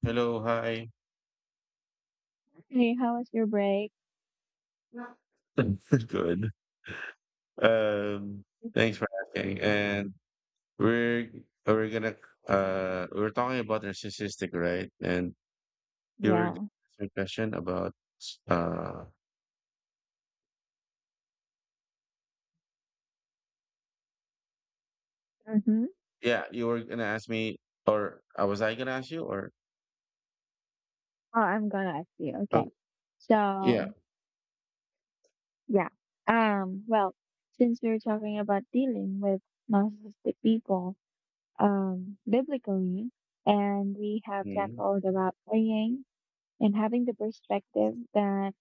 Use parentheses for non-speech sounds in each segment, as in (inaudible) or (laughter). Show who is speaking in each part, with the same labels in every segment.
Speaker 1: Hello, hi.
Speaker 2: Hey, how was your break?
Speaker 1: Yeah. (laughs) Good. Um, Thanks for asking. And we're we're gonna we're talking about narcissistic, right? And you were gonna
Speaker 2: Yeah.
Speaker 1: ask me a question about uh
Speaker 2: Mm-hmm.
Speaker 1: yeah, you were gonna ask me or was I gonna ask you or
Speaker 2: Oh, I'm gonna ask you.
Speaker 1: oh
Speaker 2: Okay.
Speaker 1: yeah.
Speaker 2: So, yeah. Um, well, since we're talking about dealing with narcissistic people, biblically, and we have
Speaker 1: Mm-hmm.
Speaker 2: tackled about praying and having the perspective that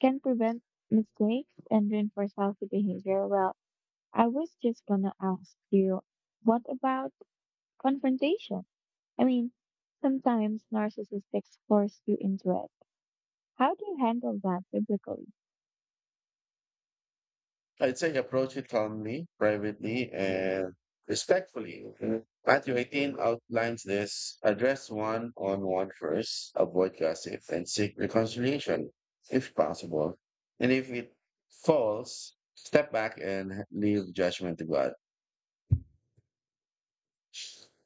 Speaker 2: can prevent mistakes and reinforce healthy behavior. Well, I was just gonna ask you, what about confrontation? I mean, sometimes narcissists force you into it. How do you handle that biblically?
Speaker 1: I'd say approach it calmly, privately, and respectfully. Mhm. Matthew 18 outlines this. Address one on one first, avoid gossip, and seek reconciliation if possible. And if it falls, step back and leave judgment to God.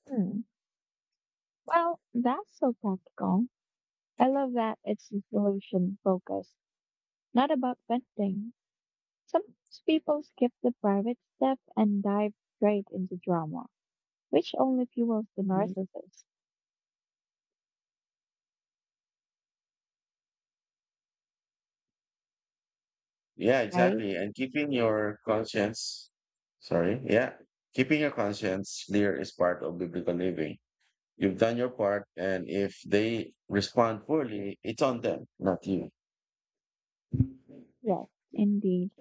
Speaker 2: Hmm. Well, that's so practical. I love that it's solution focused, not about venting. Sometimes people skip the private step and dive straight into drama, which only fuels the
Speaker 1: Mhm.
Speaker 2: narcissist,
Speaker 1: Yeah,
Speaker 2: right?
Speaker 1: exactly. And keeping your conscience, sorry, yeah, keeping your conscience clear is part of biblical living. You've done your part, and if they respond poorly, it's on them, not you.
Speaker 2: Yes, indeed.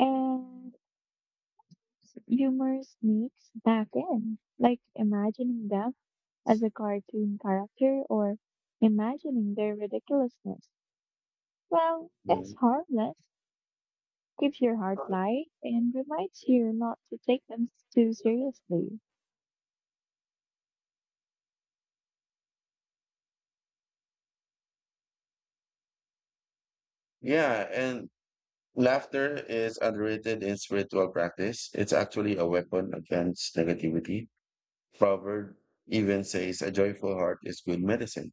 Speaker 2: And humor sneaks back in, like imagining them as a cartoon character or imagining their ridiculousness. Well, it's
Speaker 1: Mm.
Speaker 2: harmless, keeps your heart light, and reminds you not to take too seriously.
Speaker 1: Yeah, and laughter is underrated in spiritual practice. It's actually a weapon against negativity. Proverb even says a joyful heart is good medicine.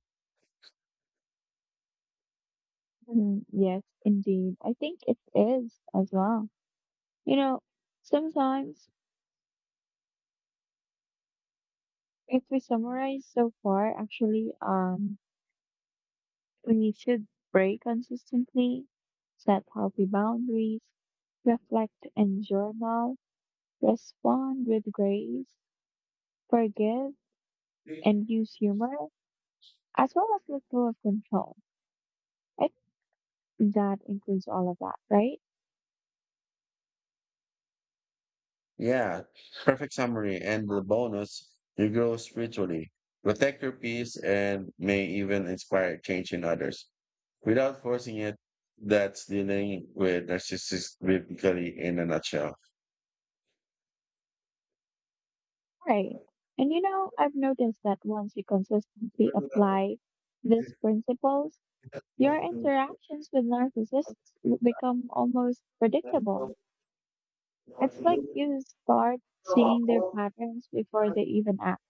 Speaker 2: Mm, yes, indeed. I think it is as well. You know, sometimes if we summarize so far, actually, we should pray consistently, set healthy boundaries, reflect and journal, respond with grace, forgive and use humor as well as let go of control. I think that includes all of that, right?
Speaker 1: Yeah, perfect summary. And the bonus, you grow spiritually. Protect your peace and may even inspire change in others, without forcing it. That's dealing with narcissists basically in a nutshell.
Speaker 2: Right. And you know, I've noticed that once you consistently
Speaker 1: Mhm.
Speaker 2: apply these principles, your interactions with narcissists become almost predictable. It's like you start seeing their patterns before they even act.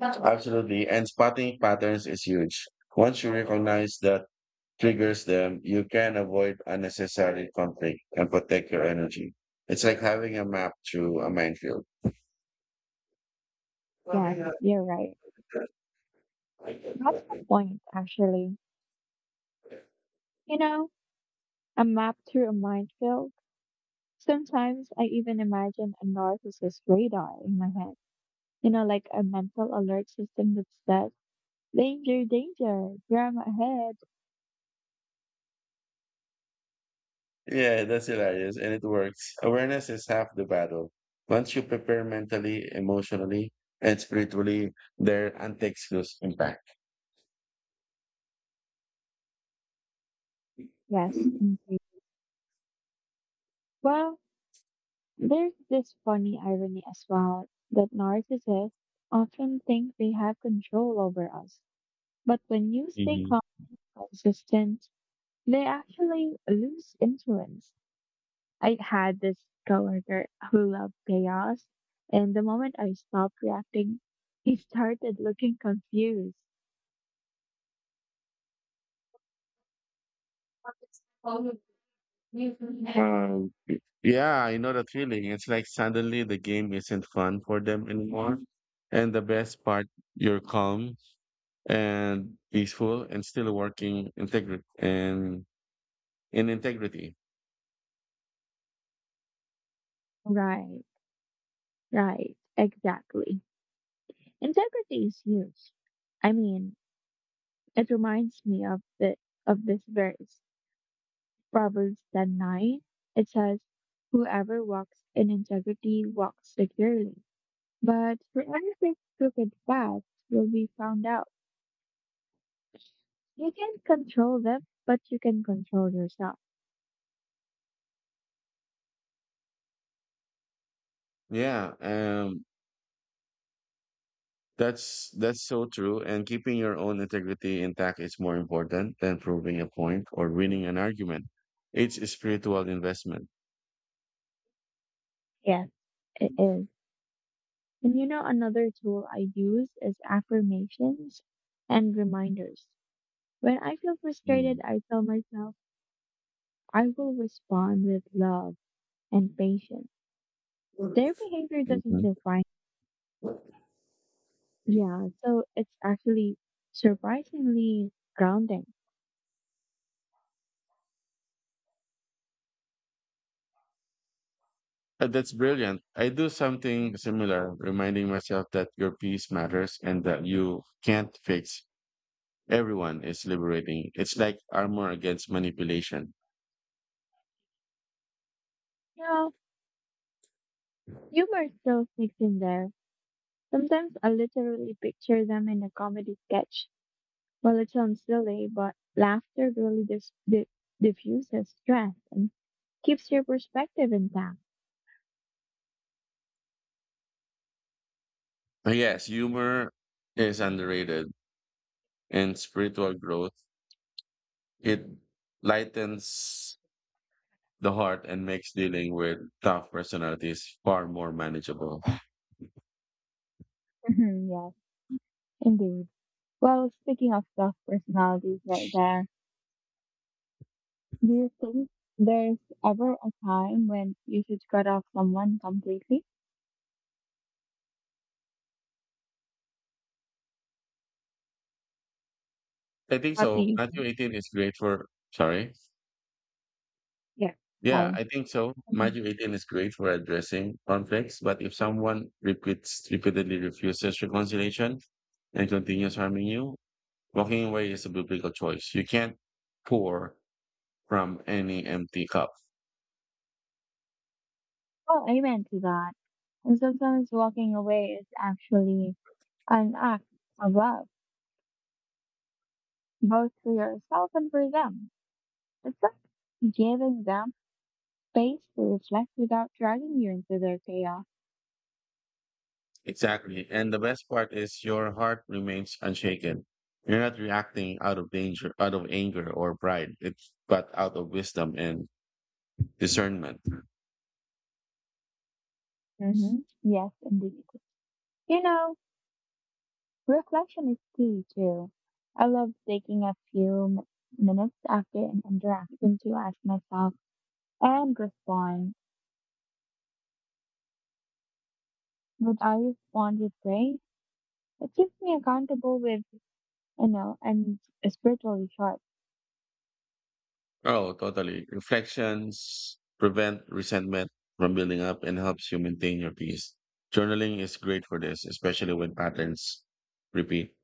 Speaker 1: Absolutely. And spotting patterns is huge. Once you recognize that triggers them, you can avoid unnecessary conflict and protect your energy. It's like having a map through a minefield.
Speaker 2: Yes, you're right. That's the point, actually. You know, a map through a minefield. Sometimes I even imagine a narcissist radar in my head. You know, like a mental alert system that says, danger, danger, drama ahead.
Speaker 1: Yeah, that's hilarious, and it works. Awareness is half the battle. Once you prepare mentally, emotionally, and spiritually, there antics lose impact.
Speaker 2: Yes, indeed. Well, there's this funny irony as well that narcissists often think they have control over us. But when you stay
Speaker 1: Mhm.
Speaker 2: calm and consistent, they actually lose influence. I had this coworker who loved chaos, and the moment I stopped reacting, he started looking confused.
Speaker 1: Um, yeah, I know that feeling. It's like suddenly the game isn't fun for them anymore. And the best part, you're calm and peaceful and still working integrity and in integrity.
Speaker 2: Right, right, exactly. Integrity is huge. I mean, it reminds me of the of this verse, Proverbs 10:9. It says, "Whoever walks in integrity walks securely, but whoever takes crooked paths will be found out." You can't control them, but you can control yourself.
Speaker 1: Yeah. That's so true. And keeping your own integrity intact is more important than proving a point or winning an argument. It's a spiritual investment.
Speaker 2: Yes, it is. And you know, another tool I use is affirmations and reminders. When I feel
Speaker 1: Mm.
Speaker 2: frustrated, I tell myself I will respond with love and patience. Their behavior doesn't
Speaker 1: Mhm.
Speaker 2: define. Yeah, so it's actually surprisingly grounding.
Speaker 1: That's brilliant. I do something similar, reminding myself that your peace matters and that you can't fix everyone is liberating. It's like armor against manipulation.
Speaker 2: You know, humor still sneaks in there. Sometimes I literally picture them in a comedy sketch. Well, it sounds silly, but laughter really diffuses stress. Keeps your perspective intact.
Speaker 1: Yes, humor is underrated in spiritual growth. It lightens the heart and makes dealing with tough personalities far more manageable.
Speaker 2: Mhm, yes, indeed. Well, speaking of tough personalities right there, do you think there's ever a time when you should cut off someone completely?
Speaker 1: I think
Speaker 2: What do
Speaker 1: so.
Speaker 2: you
Speaker 1: Matthew
Speaker 2: think?
Speaker 1: 18 is great sorry.
Speaker 2: Yeah.
Speaker 1: Yeah,
Speaker 2: Sorry.
Speaker 1: I think so.
Speaker 2: Mhm.
Speaker 1: Magic 18 is great for addressing conflicts, but if someone repeats repeatedly refuses reconciliation and continues harming you, walking away is a biblical choice. You can't pour from any empty cup.
Speaker 2: Well, amen to that. And sometimes walking away is actually an act of love, both for yourself and for them. It's like giving them space to reflect without dragging you into their chaos.
Speaker 1: Exactly. And the best part is your heart remains unshaken. You're not reacting out of danger, out of anger or pride. It's but out of wisdom and discernment.
Speaker 2: Mm-hmm. Yes, indeed. You know, reflection is key too. I love taking a few minutes after an interaction to ask myself and respond. When I respond with praise, it keeps me accountable with, you know, and spiritually sharp.
Speaker 1: Oh, totally. Reflections prevent resentment from building up and helps you maintain your peace. Journaling is great for this, especially when patterns repeat.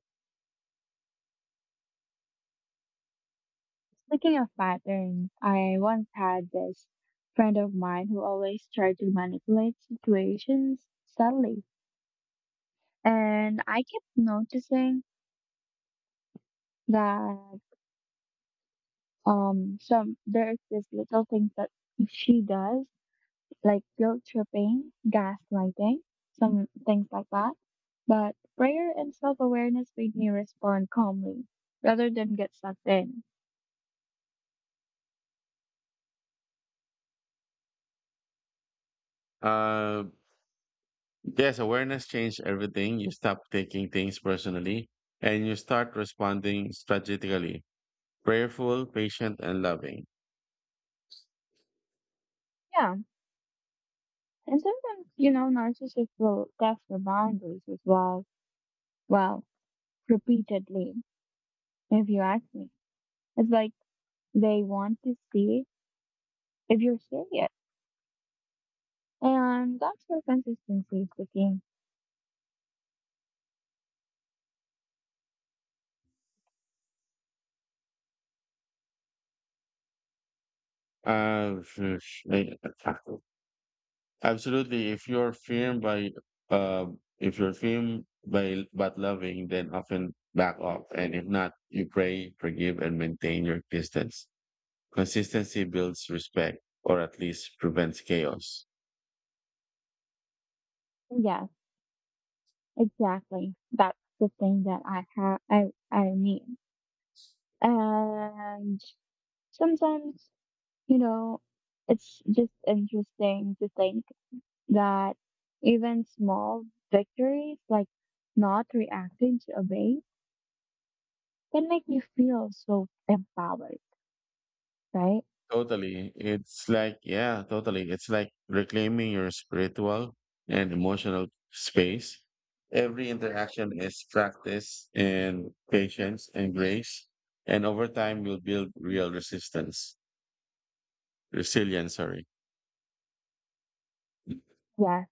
Speaker 2: Speaking of patterns, I once had this friend of mine who always tried to manipulate situations subtly. And I kept noticing that some there's this little things that she does, like guilt tripping, gaslighting, some things like that, but prayer and self-awareness made me respond calmly rather than get sucked in.
Speaker 1: Uh, yes, awareness changed everything. You stop taking things personally and you start responding strategically, prayerful, patient, and loving.
Speaker 2: Yeah, and sometimes, you know, narcissists will test your boundaries as well, well, repeatedly, if you ask me. It's like they want to see if you're serious, and that's where consistency is the key.
Speaker 1: (laughs) Phew, I- absolutely. If you're firm by uh, if you're firm by but loving, then often back off. And if not, you pray, forgive, and maintain your distance. Consistency builds respect, or at least prevents chaos.
Speaker 2: Yes, exactly. That's the thing that I have I need. And sometimes, you know, it's just interesting to think that even small victories like not reacting to a wave can make you feel so empowered, right?
Speaker 1: Totally. It's like, yeah, totally. It's like reclaiming your spiritual and emotional space. Every interaction is practice and patience and grace. And over time, you'll build real resistance. Resilient, sorry.
Speaker 2: Yes.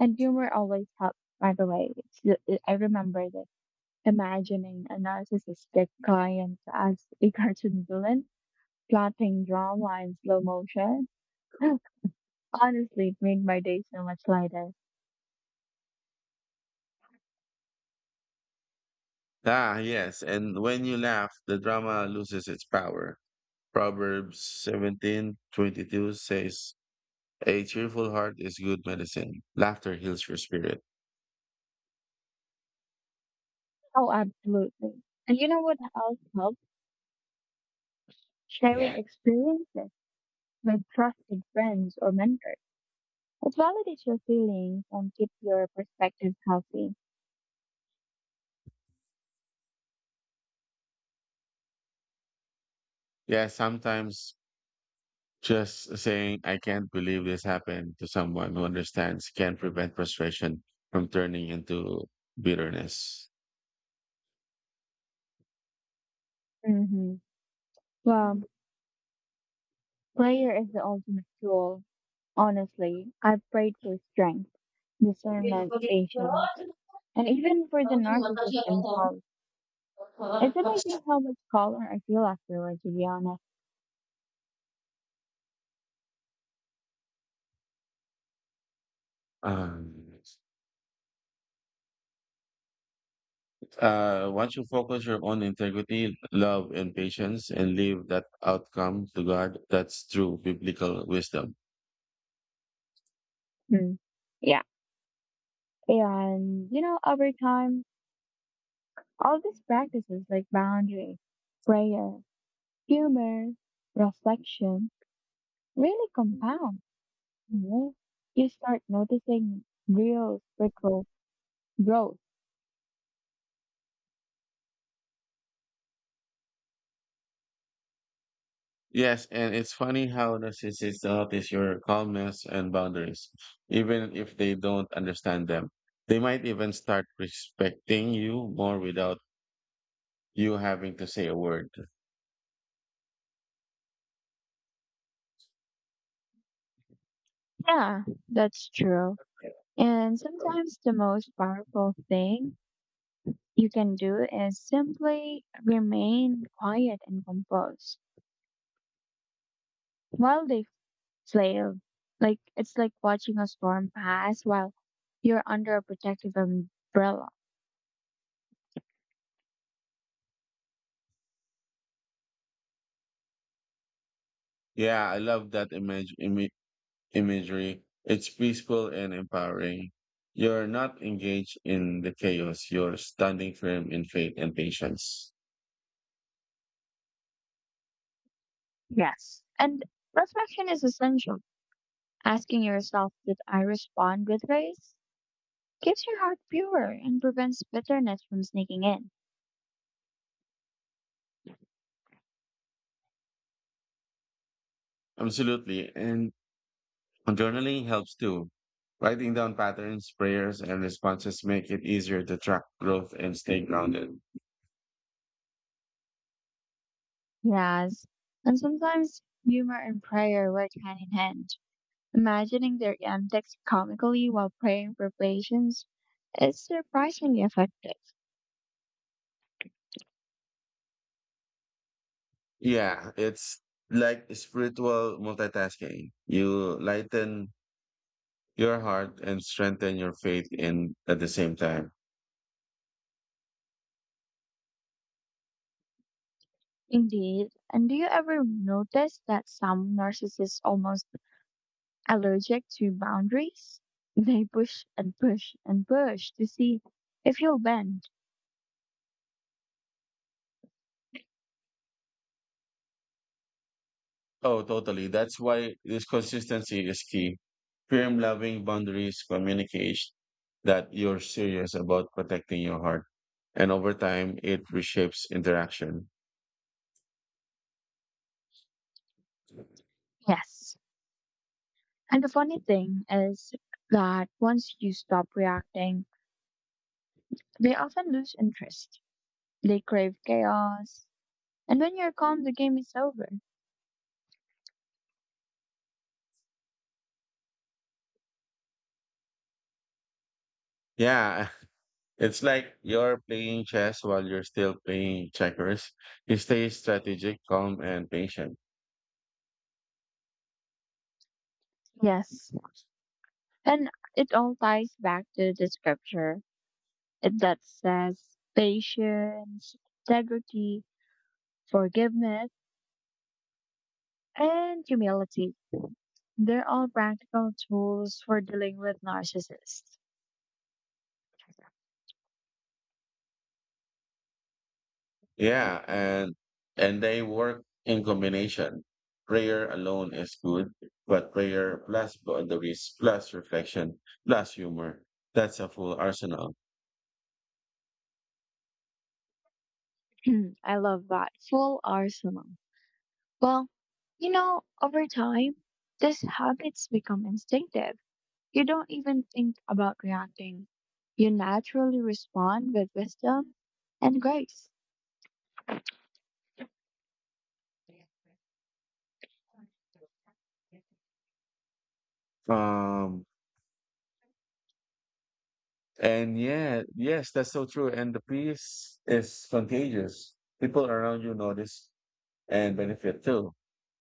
Speaker 2: And humor always helps, by the way. It's, I remember that imagining a narcissistic client as a cartoon villain plotting drama in slow motion (laughs) honestly, it made my day so much lighter.
Speaker 1: Ah, yes. And when you laugh, the drama loses its power. Proverbs 17:22 says, a cheerful heart is good medicine. Laughter heals your spirit.
Speaker 2: Oh, absolutely. And you know what else helps?
Speaker 1: Yeah.
Speaker 2: Sharing experiences with trusted friends or mentors. It validates your feelings and keeps your perspective healthy.
Speaker 1: Yeah, sometimes just saying, I can't believe this happened to someone who understands can prevent frustration from turning into bitterness.
Speaker 2: Hmm. Well, prayer is the ultimate tool. Honestly, I've prayed for strength, discernment, patience, and even for the narcissist themselves. It's amazing how much calmer I feel afterward, to be honest.
Speaker 1: Um, Once you focus your own integrity, love, and patience and leave that outcome to God, that's true biblical wisdom.
Speaker 2: Hmm. Yeah, and, you know, over time, all these practices like boundary, prayer, humor, reflection really compound. You know? You start noticing real spiritual growth.
Speaker 1: Yes, and it's funny how narcissists notice your calmness and boundaries, even if they don't understand them. They might even start respecting you more without you having to say a word.
Speaker 2: Yeah, that's true. And sometimes the most powerful thing you can do is simply remain quiet and composed while they slave. Like, it's like watching a storm pass while you're under a protective umbrella.
Speaker 1: Yeah, I love that image, imi imagery. It's peaceful and empowering. You're not engaged in the chaos. You're standing firm in faith and patience.
Speaker 2: Yes. And reflection is essential. Asking yourself, did I respond with grace? Keeps your heart pure and prevents bitterness from sneaking in.
Speaker 1: Absolutely. And journaling helps too. Writing down patterns, prayers, and responses make it easier to track growth and stay grounded.
Speaker 2: Yes. And sometimes humor and prayer work hand in hand. Imagining their antics comically while praying for patience is surprisingly effective.
Speaker 1: Yeah, it's like spiritual multitasking. You lighten your heart and strengthen your faith in at the same time.
Speaker 2: Indeed. And do you ever notice that some narcissists almost allergic to boundaries? (laughs) They push and push and push to see if you'll bend.
Speaker 1: Oh, totally. That's why this consistency is key. Firm, loving boundaries communication that you're serious about protecting your heart. And over time, it reshapes interaction.
Speaker 2: Yes. And the funny thing is that once you stop reacting, they often lose interest. They crave chaos. And when you're calm, the game is over.
Speaker 1: Yeah, (laughs) it's like you're playing chess while you're still playing checkers. You stay strategic, calm, and patient.
Speaker 2: Yes. And it all ties back to the scripture that says patience, integrity, forgiveness, and humility. They're all practical tools for dealing with narcissists.
Speaker 1: Yeah, and they work in combination. Prayer alone is good, but prayer plus boundaries plus reflection plus humor. That's a full arsenal.
Speaker 2: (clears throat) I love that full arsenal. Well, you know, over time, these habits become instinctive. You don't even think about reacting. You naturally respond with wisdom and grace.
Speaker 1: Um and yeah, yes, that's so true. And the peace is contagious. People around you notice and benefit too.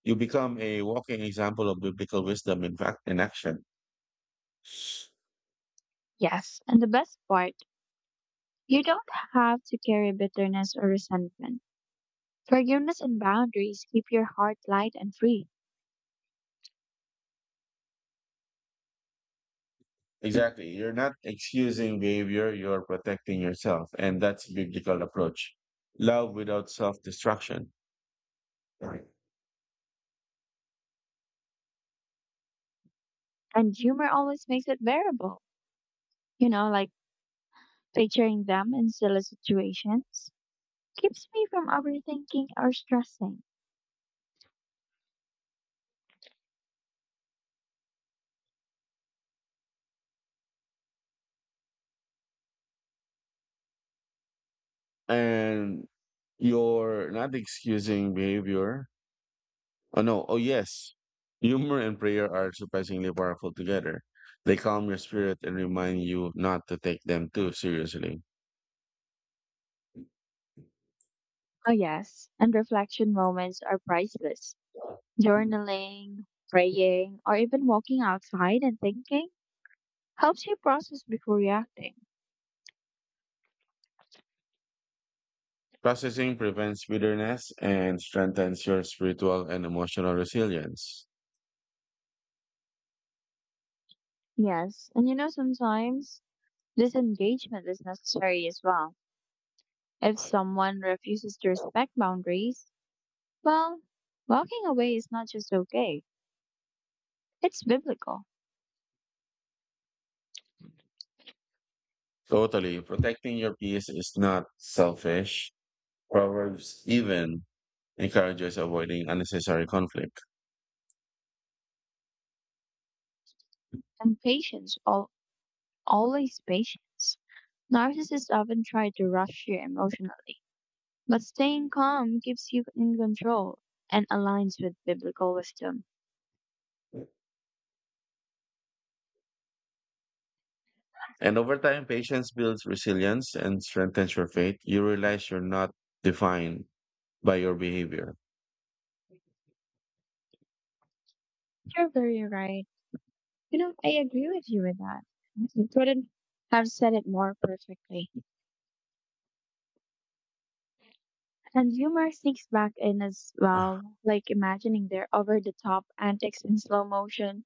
Speaker 1: You become a walking example of biblical wisdom in fact in action.
Speaker 2: Yes, and the best part, you don't have to carry bitterness or resentment. Forgiveness and boundaries keep your heart light and free.
Speaker 1: Exactly. You're not excusing behavior, you're protecting yourself. And that's a biblical approach. Love without self destruction. Right.
Speaker 2: And humor always makes it bearable. You know, like picturing them in silly situations keeps me from overthinking or stressing.
Speaker 1: And you're not excusing behavior, oh no, oh yes. Humor and prayer are surprisingly powerful together. They calm your spirit and remind you not to take them too seriously.
Speaker 2: Oh, yes. And reflection moments are priceless. Journaling, praying, or even walking outside and thinking helps you process before reacting.
Speaker 1: Processing prevents bitterness and strengthens your spiritual and emotional resilience.
Speaker 2: Yes. And you know, sometimes this engagement is necessary as well. If someone refuses to respect boundaries, well, walking away is not just okay, it's biblical.
Speaker 1: Totally, protecting your peace is not selfish. Proverbs even encourages avoiding unnecessary conflict.
Speaker 2: And patience, al always patience. Narcissists often try to rush you emotionally, but staying calm keeps you in control and aligns with biblical wisdom.
Speaker 1: And over time, patience builds resilience and strengthens your faith. You realize you're not defined by your behavior.
Speaker 2: You're very right. You know, I agree with you with that. You couldn't have said it more perfectly. And humor sneaks back in as well, like imagining their over the top antics in slow motion.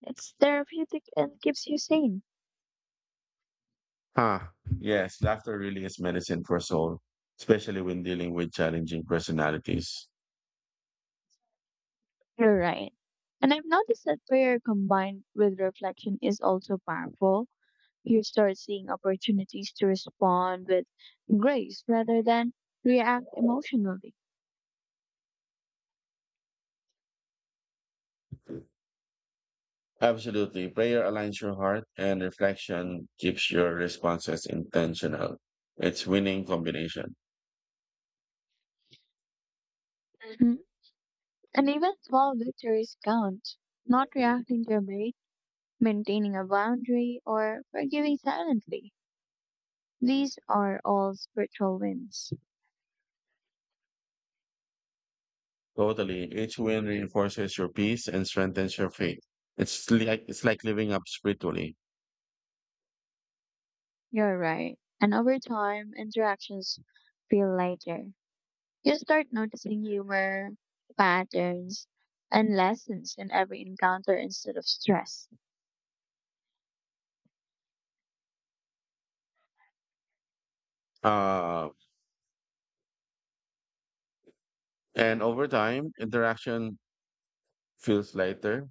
Speaker 2: It's therapeutic and keeps you sane.
Speaker 1: Huh. Yes, laughter really is medicine for soul, especially when dealing with challenging personalities.
Speaker 2: You're right. And I've noticed that prayer combined with reflection is also powerful. You start seeing opportunities to respond with grace rather than react emotionally.
Speaker 1: Absolutely. Prayer aligns your heart and reflection keeps your responses intentional. It's winning combination.
Speaker 2: Mhm. And even small victories count. Not reacting to a bait, maintaining a boundary, or forgiving silently. These are all spiritual wins.
Speaker 1: Totally. Each win reinforces your peace and strengthens your faith. It's like living up spiritually.
Speaker 2: You're right. And over time, interactions feel lighter. You start noticing humor, patterns, and lessons in every encounter instead of stress.
Speaker 1: Uh, and over time, interaction feels lighter.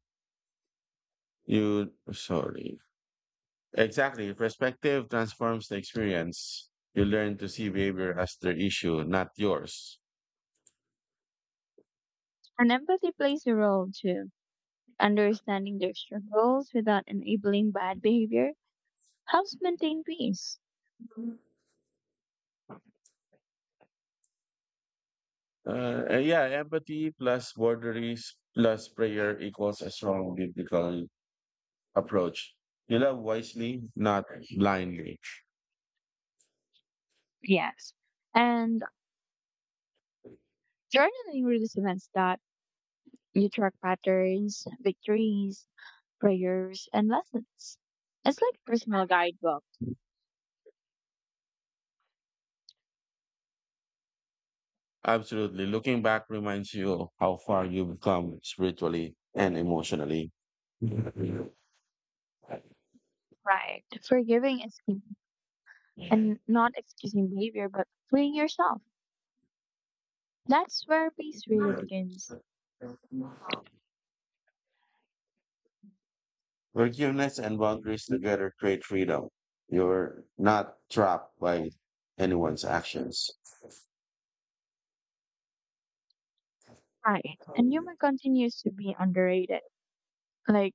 Speaker 1: You sorry. Exactly. Perspective transforms the experience. You learn to see behavior as their issue, not yours.
Speaker 2: And empathy plays a role too. Understanding their struggles without enabling bad behavior helps maintain peace.
Speaker 1: And yeah, empathy plus boundaries plus prayer equals a strong biblical approach. You love wisely, not blindly.
Speaker 2: Yes. And journaling really events, that you track patterns, victories, prayers, and lessons. It's like a personal guidebook,
Speaker 1: Absolutely. Looking back reminds you how far you've come spiritually and emotionally.
Speaker 2: right? Forgiving is key and not excusing behavior, but freeing yourself. That's where peace really begins.
Speaker 1: Forgiveness and boundaries together create freedom. You're not trapped by anyone's actions.
Speaker 2: Right. And humor continues to be underrated. Like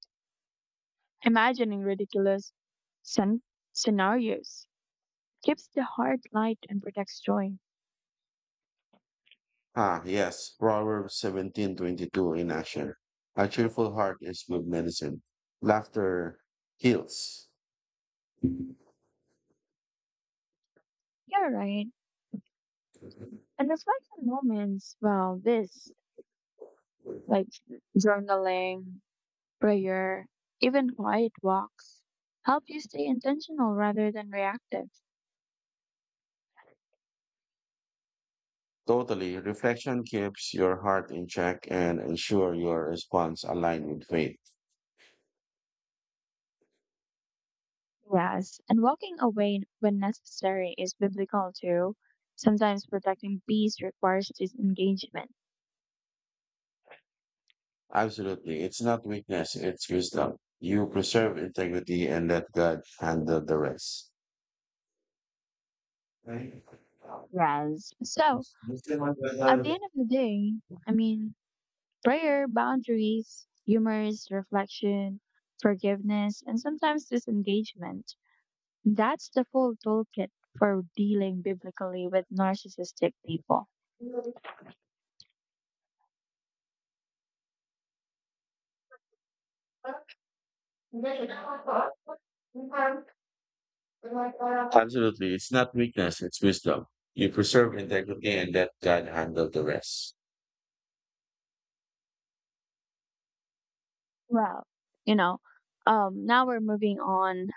Speaker 2: imagining ridiculous scen- scenarios keeps the heart light and protects joy.
Speaker 1: Ah, yes, Proverbs 17:22 in action. A cheerful heart is good medicine. Laughter heals.
Speaker 2: Yeah, right. And reflect moments, well, this, like journaling, prayer, even quiet walks, help you stay intentional rather than reactive.
Speaker 1: Totally. Reflection keeps your heart in check and ensure your response align with faith.
Speaker 2: Yes, and walking away when necessary is biblical too. Sometimes protecting peace requires disengagement.
Speaker 1: Absolutely. It's not weakness, it's wisdom. You preserve integrity and let God handle the rest. Right.
Speaker 2: Yes. So, at the end of the day, I mean, prayer, boundaries, humorous reflection, forgiveness, and sometimes disengagement. That's the full toolkit for dealing biblically with narcissistic people.
Speaker 1: Absolutely. It's not weakness, it's wisdom. You preserve integrity and let God handle the rest.
Speaker 2: Well, you know, now we're moving on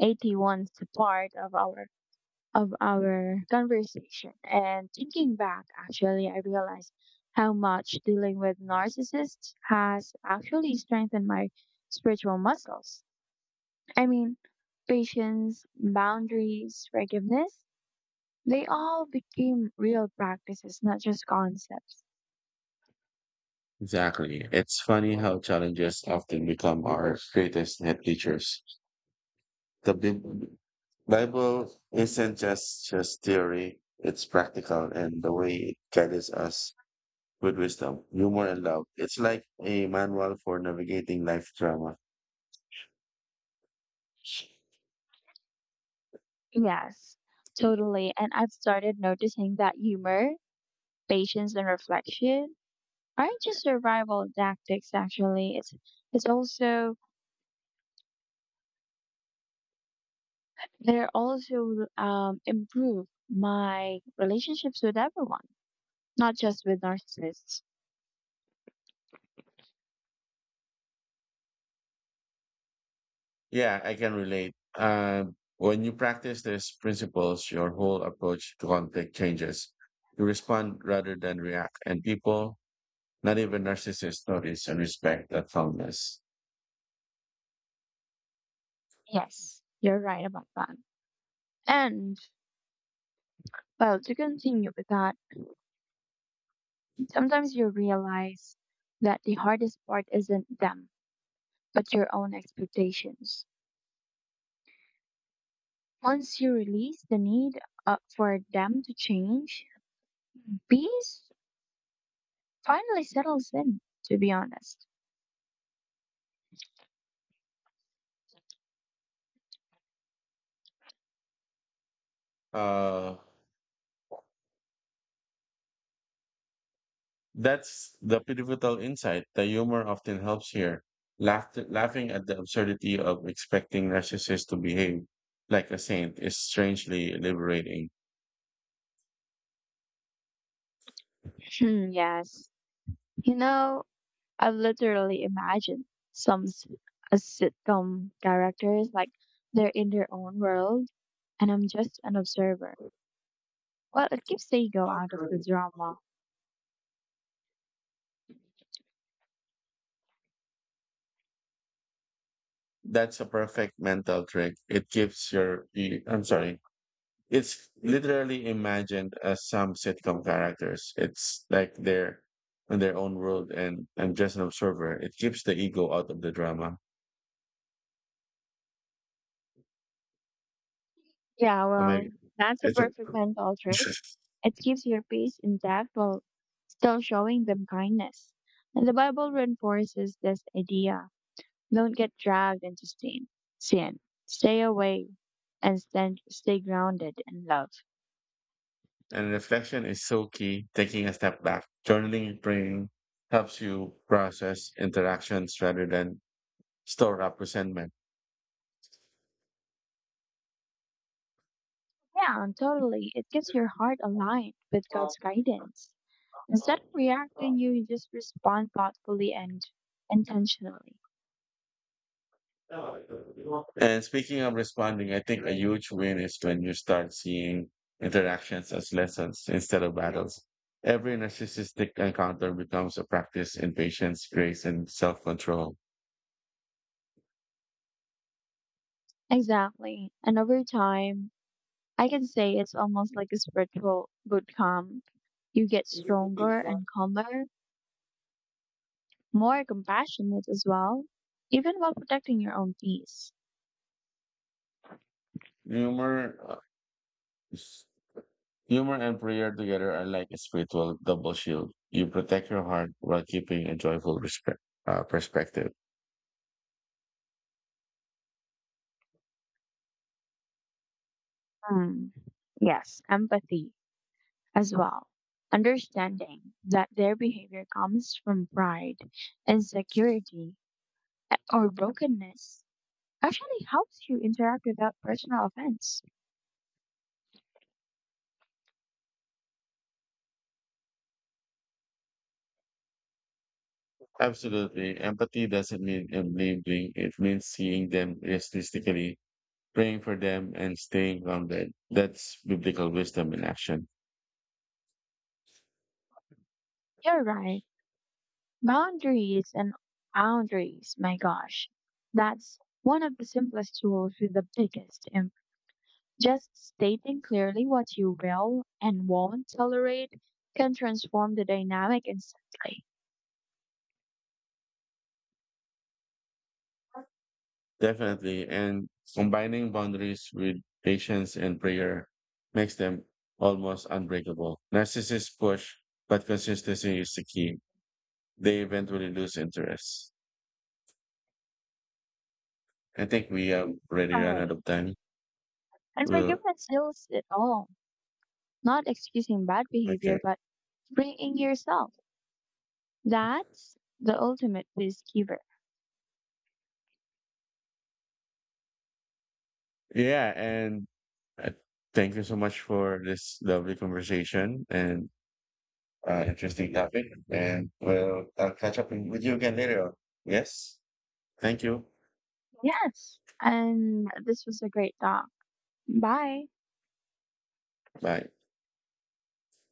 Speaker 2: 80 81st part of our conversation. And thinking back, actually, I realized how much dealing with narcissists has actually strengthened my spiritual muscles. I mean, patience, boundaries, forgiveness, they all became real practices, not just concepts.
Speaker 1: Exactly. It's funny how challenges often become our greatest net teachers. The Bible isn't just theory, it's practical and the way it guides us with wisdom, humor, and love. It's like a manual for navigating life drama.
Speaker 2: Yes, totally. And I've started noticing that humor, patience, and reflection aren't just survival tactics, actually. It's also they're also improve my relationships with everyone, not just with narcissists.
Speaker 1: Yeah, I can relate. When you practice these principles, your whole approach to conflict changes. You respond rather than react, and people, not even narcissists, notice and respect that calmness.
Speaker 2: Yes, you're right about that. And well, to continue with that, sometimes you realize that the hardest part isn't them, but your own expectations. Once you release the need for them to change, peace finally settles in, to be honest.
Speaker 1: Uh, That's the pivotal insight. The humor often helps here. Laughter, laughing at the absurdity of expecting narcissists to behave like a saint is strangely liberating.
Speaker 2: Hmm, yes. You know, I've literally imagined some s- sitcom characters like they're in their own world and I'm just an observer. Well, it keeps the ego out of the drama.
Speaker 1: That's a perfect mental trick. It gives I'm sorry, it's literally imagined as some sitcom characters. It's like they're in their own world, and I'm just an observer. It keeps the ego out of the drama.
Speaker 2: Yeah,
Speaker 1: I mean,
Speaker 2: well, that's a
Speaker 1: it's a
Speaker 2: perfect mental trick.
Speaker 1: (laughs)
Speaker 2: It keeps your peace intact while still showing them kindness. And the Bible reinforces this idea. Don't get dragged into sin. Sin. Stay away and stay grounded in love.
Speaker 1: and reflection is so key. Taking a step back, journaling, praying helps you process interactions rather than store up resentment.
Speaker 2: Yeah, and totally. It keeps your heart aligned with God's guidance. Instead of reacting, you just respond thoughtfully and intentionally.
Speaker 1: And speaking of responding, I think a huge win is when you start seeing interactions as lessons instead of battles. Every narcissistic encounter becomes a practice in patience, grace, and self control.
Speaker 2: Exactly. And over time, I can say it's almost like a spiritual boot camp. You get stronger and calmer, more compassionate as well, even while protecting your own peace.
Speaker 1: Humor uh, is Humor and prayer together are like a spiritual double shield. You protect your heart while keeping a joyful respect, perspective.
Speaker 2: Hmm. Yes, empathy as well. Understanding that their behavior comes from pride, insecurity, or brokenness actually helps you interact without personal offense.
Speaker 1: Absolutely. Empathy doesn't mean enabling. It means seeing them realistically, praying for them, and staying grounded. That's biblical wisdom in action.
Speaker 2: You're right. Boundaries and Boundaries, my gosh. That's one of the simplest tools with the biggest impact. Just stating clearly what you will and won't tolerate can transform the dynamic instantly.
Speaker 1: Definitely. And combining boundaries with patience and prayer makes them almost unbreakable. Narcissists push, but consistency is the key. They eventually lose interest. I think we have already run out
Speaker 2: Right.
Speaker 1: of time.
Speaker 2: And
Speaker 1: We'll,
Speaker 2: forgiveness heals it all. Not excusing bad
Speaker 1: okay.
Speaker 2: behavior, but bringing yourself. That's the ultimate peacekeeper.
Speaker 1: Yeah, and uh, thank you so much for this lovely conversation and interesting topic. And we'll I'll catch up with you again later on. Yes. Thank you.
Speaker 2: Yes. And this was a great talk. Bye.
Speaker 1: Bye.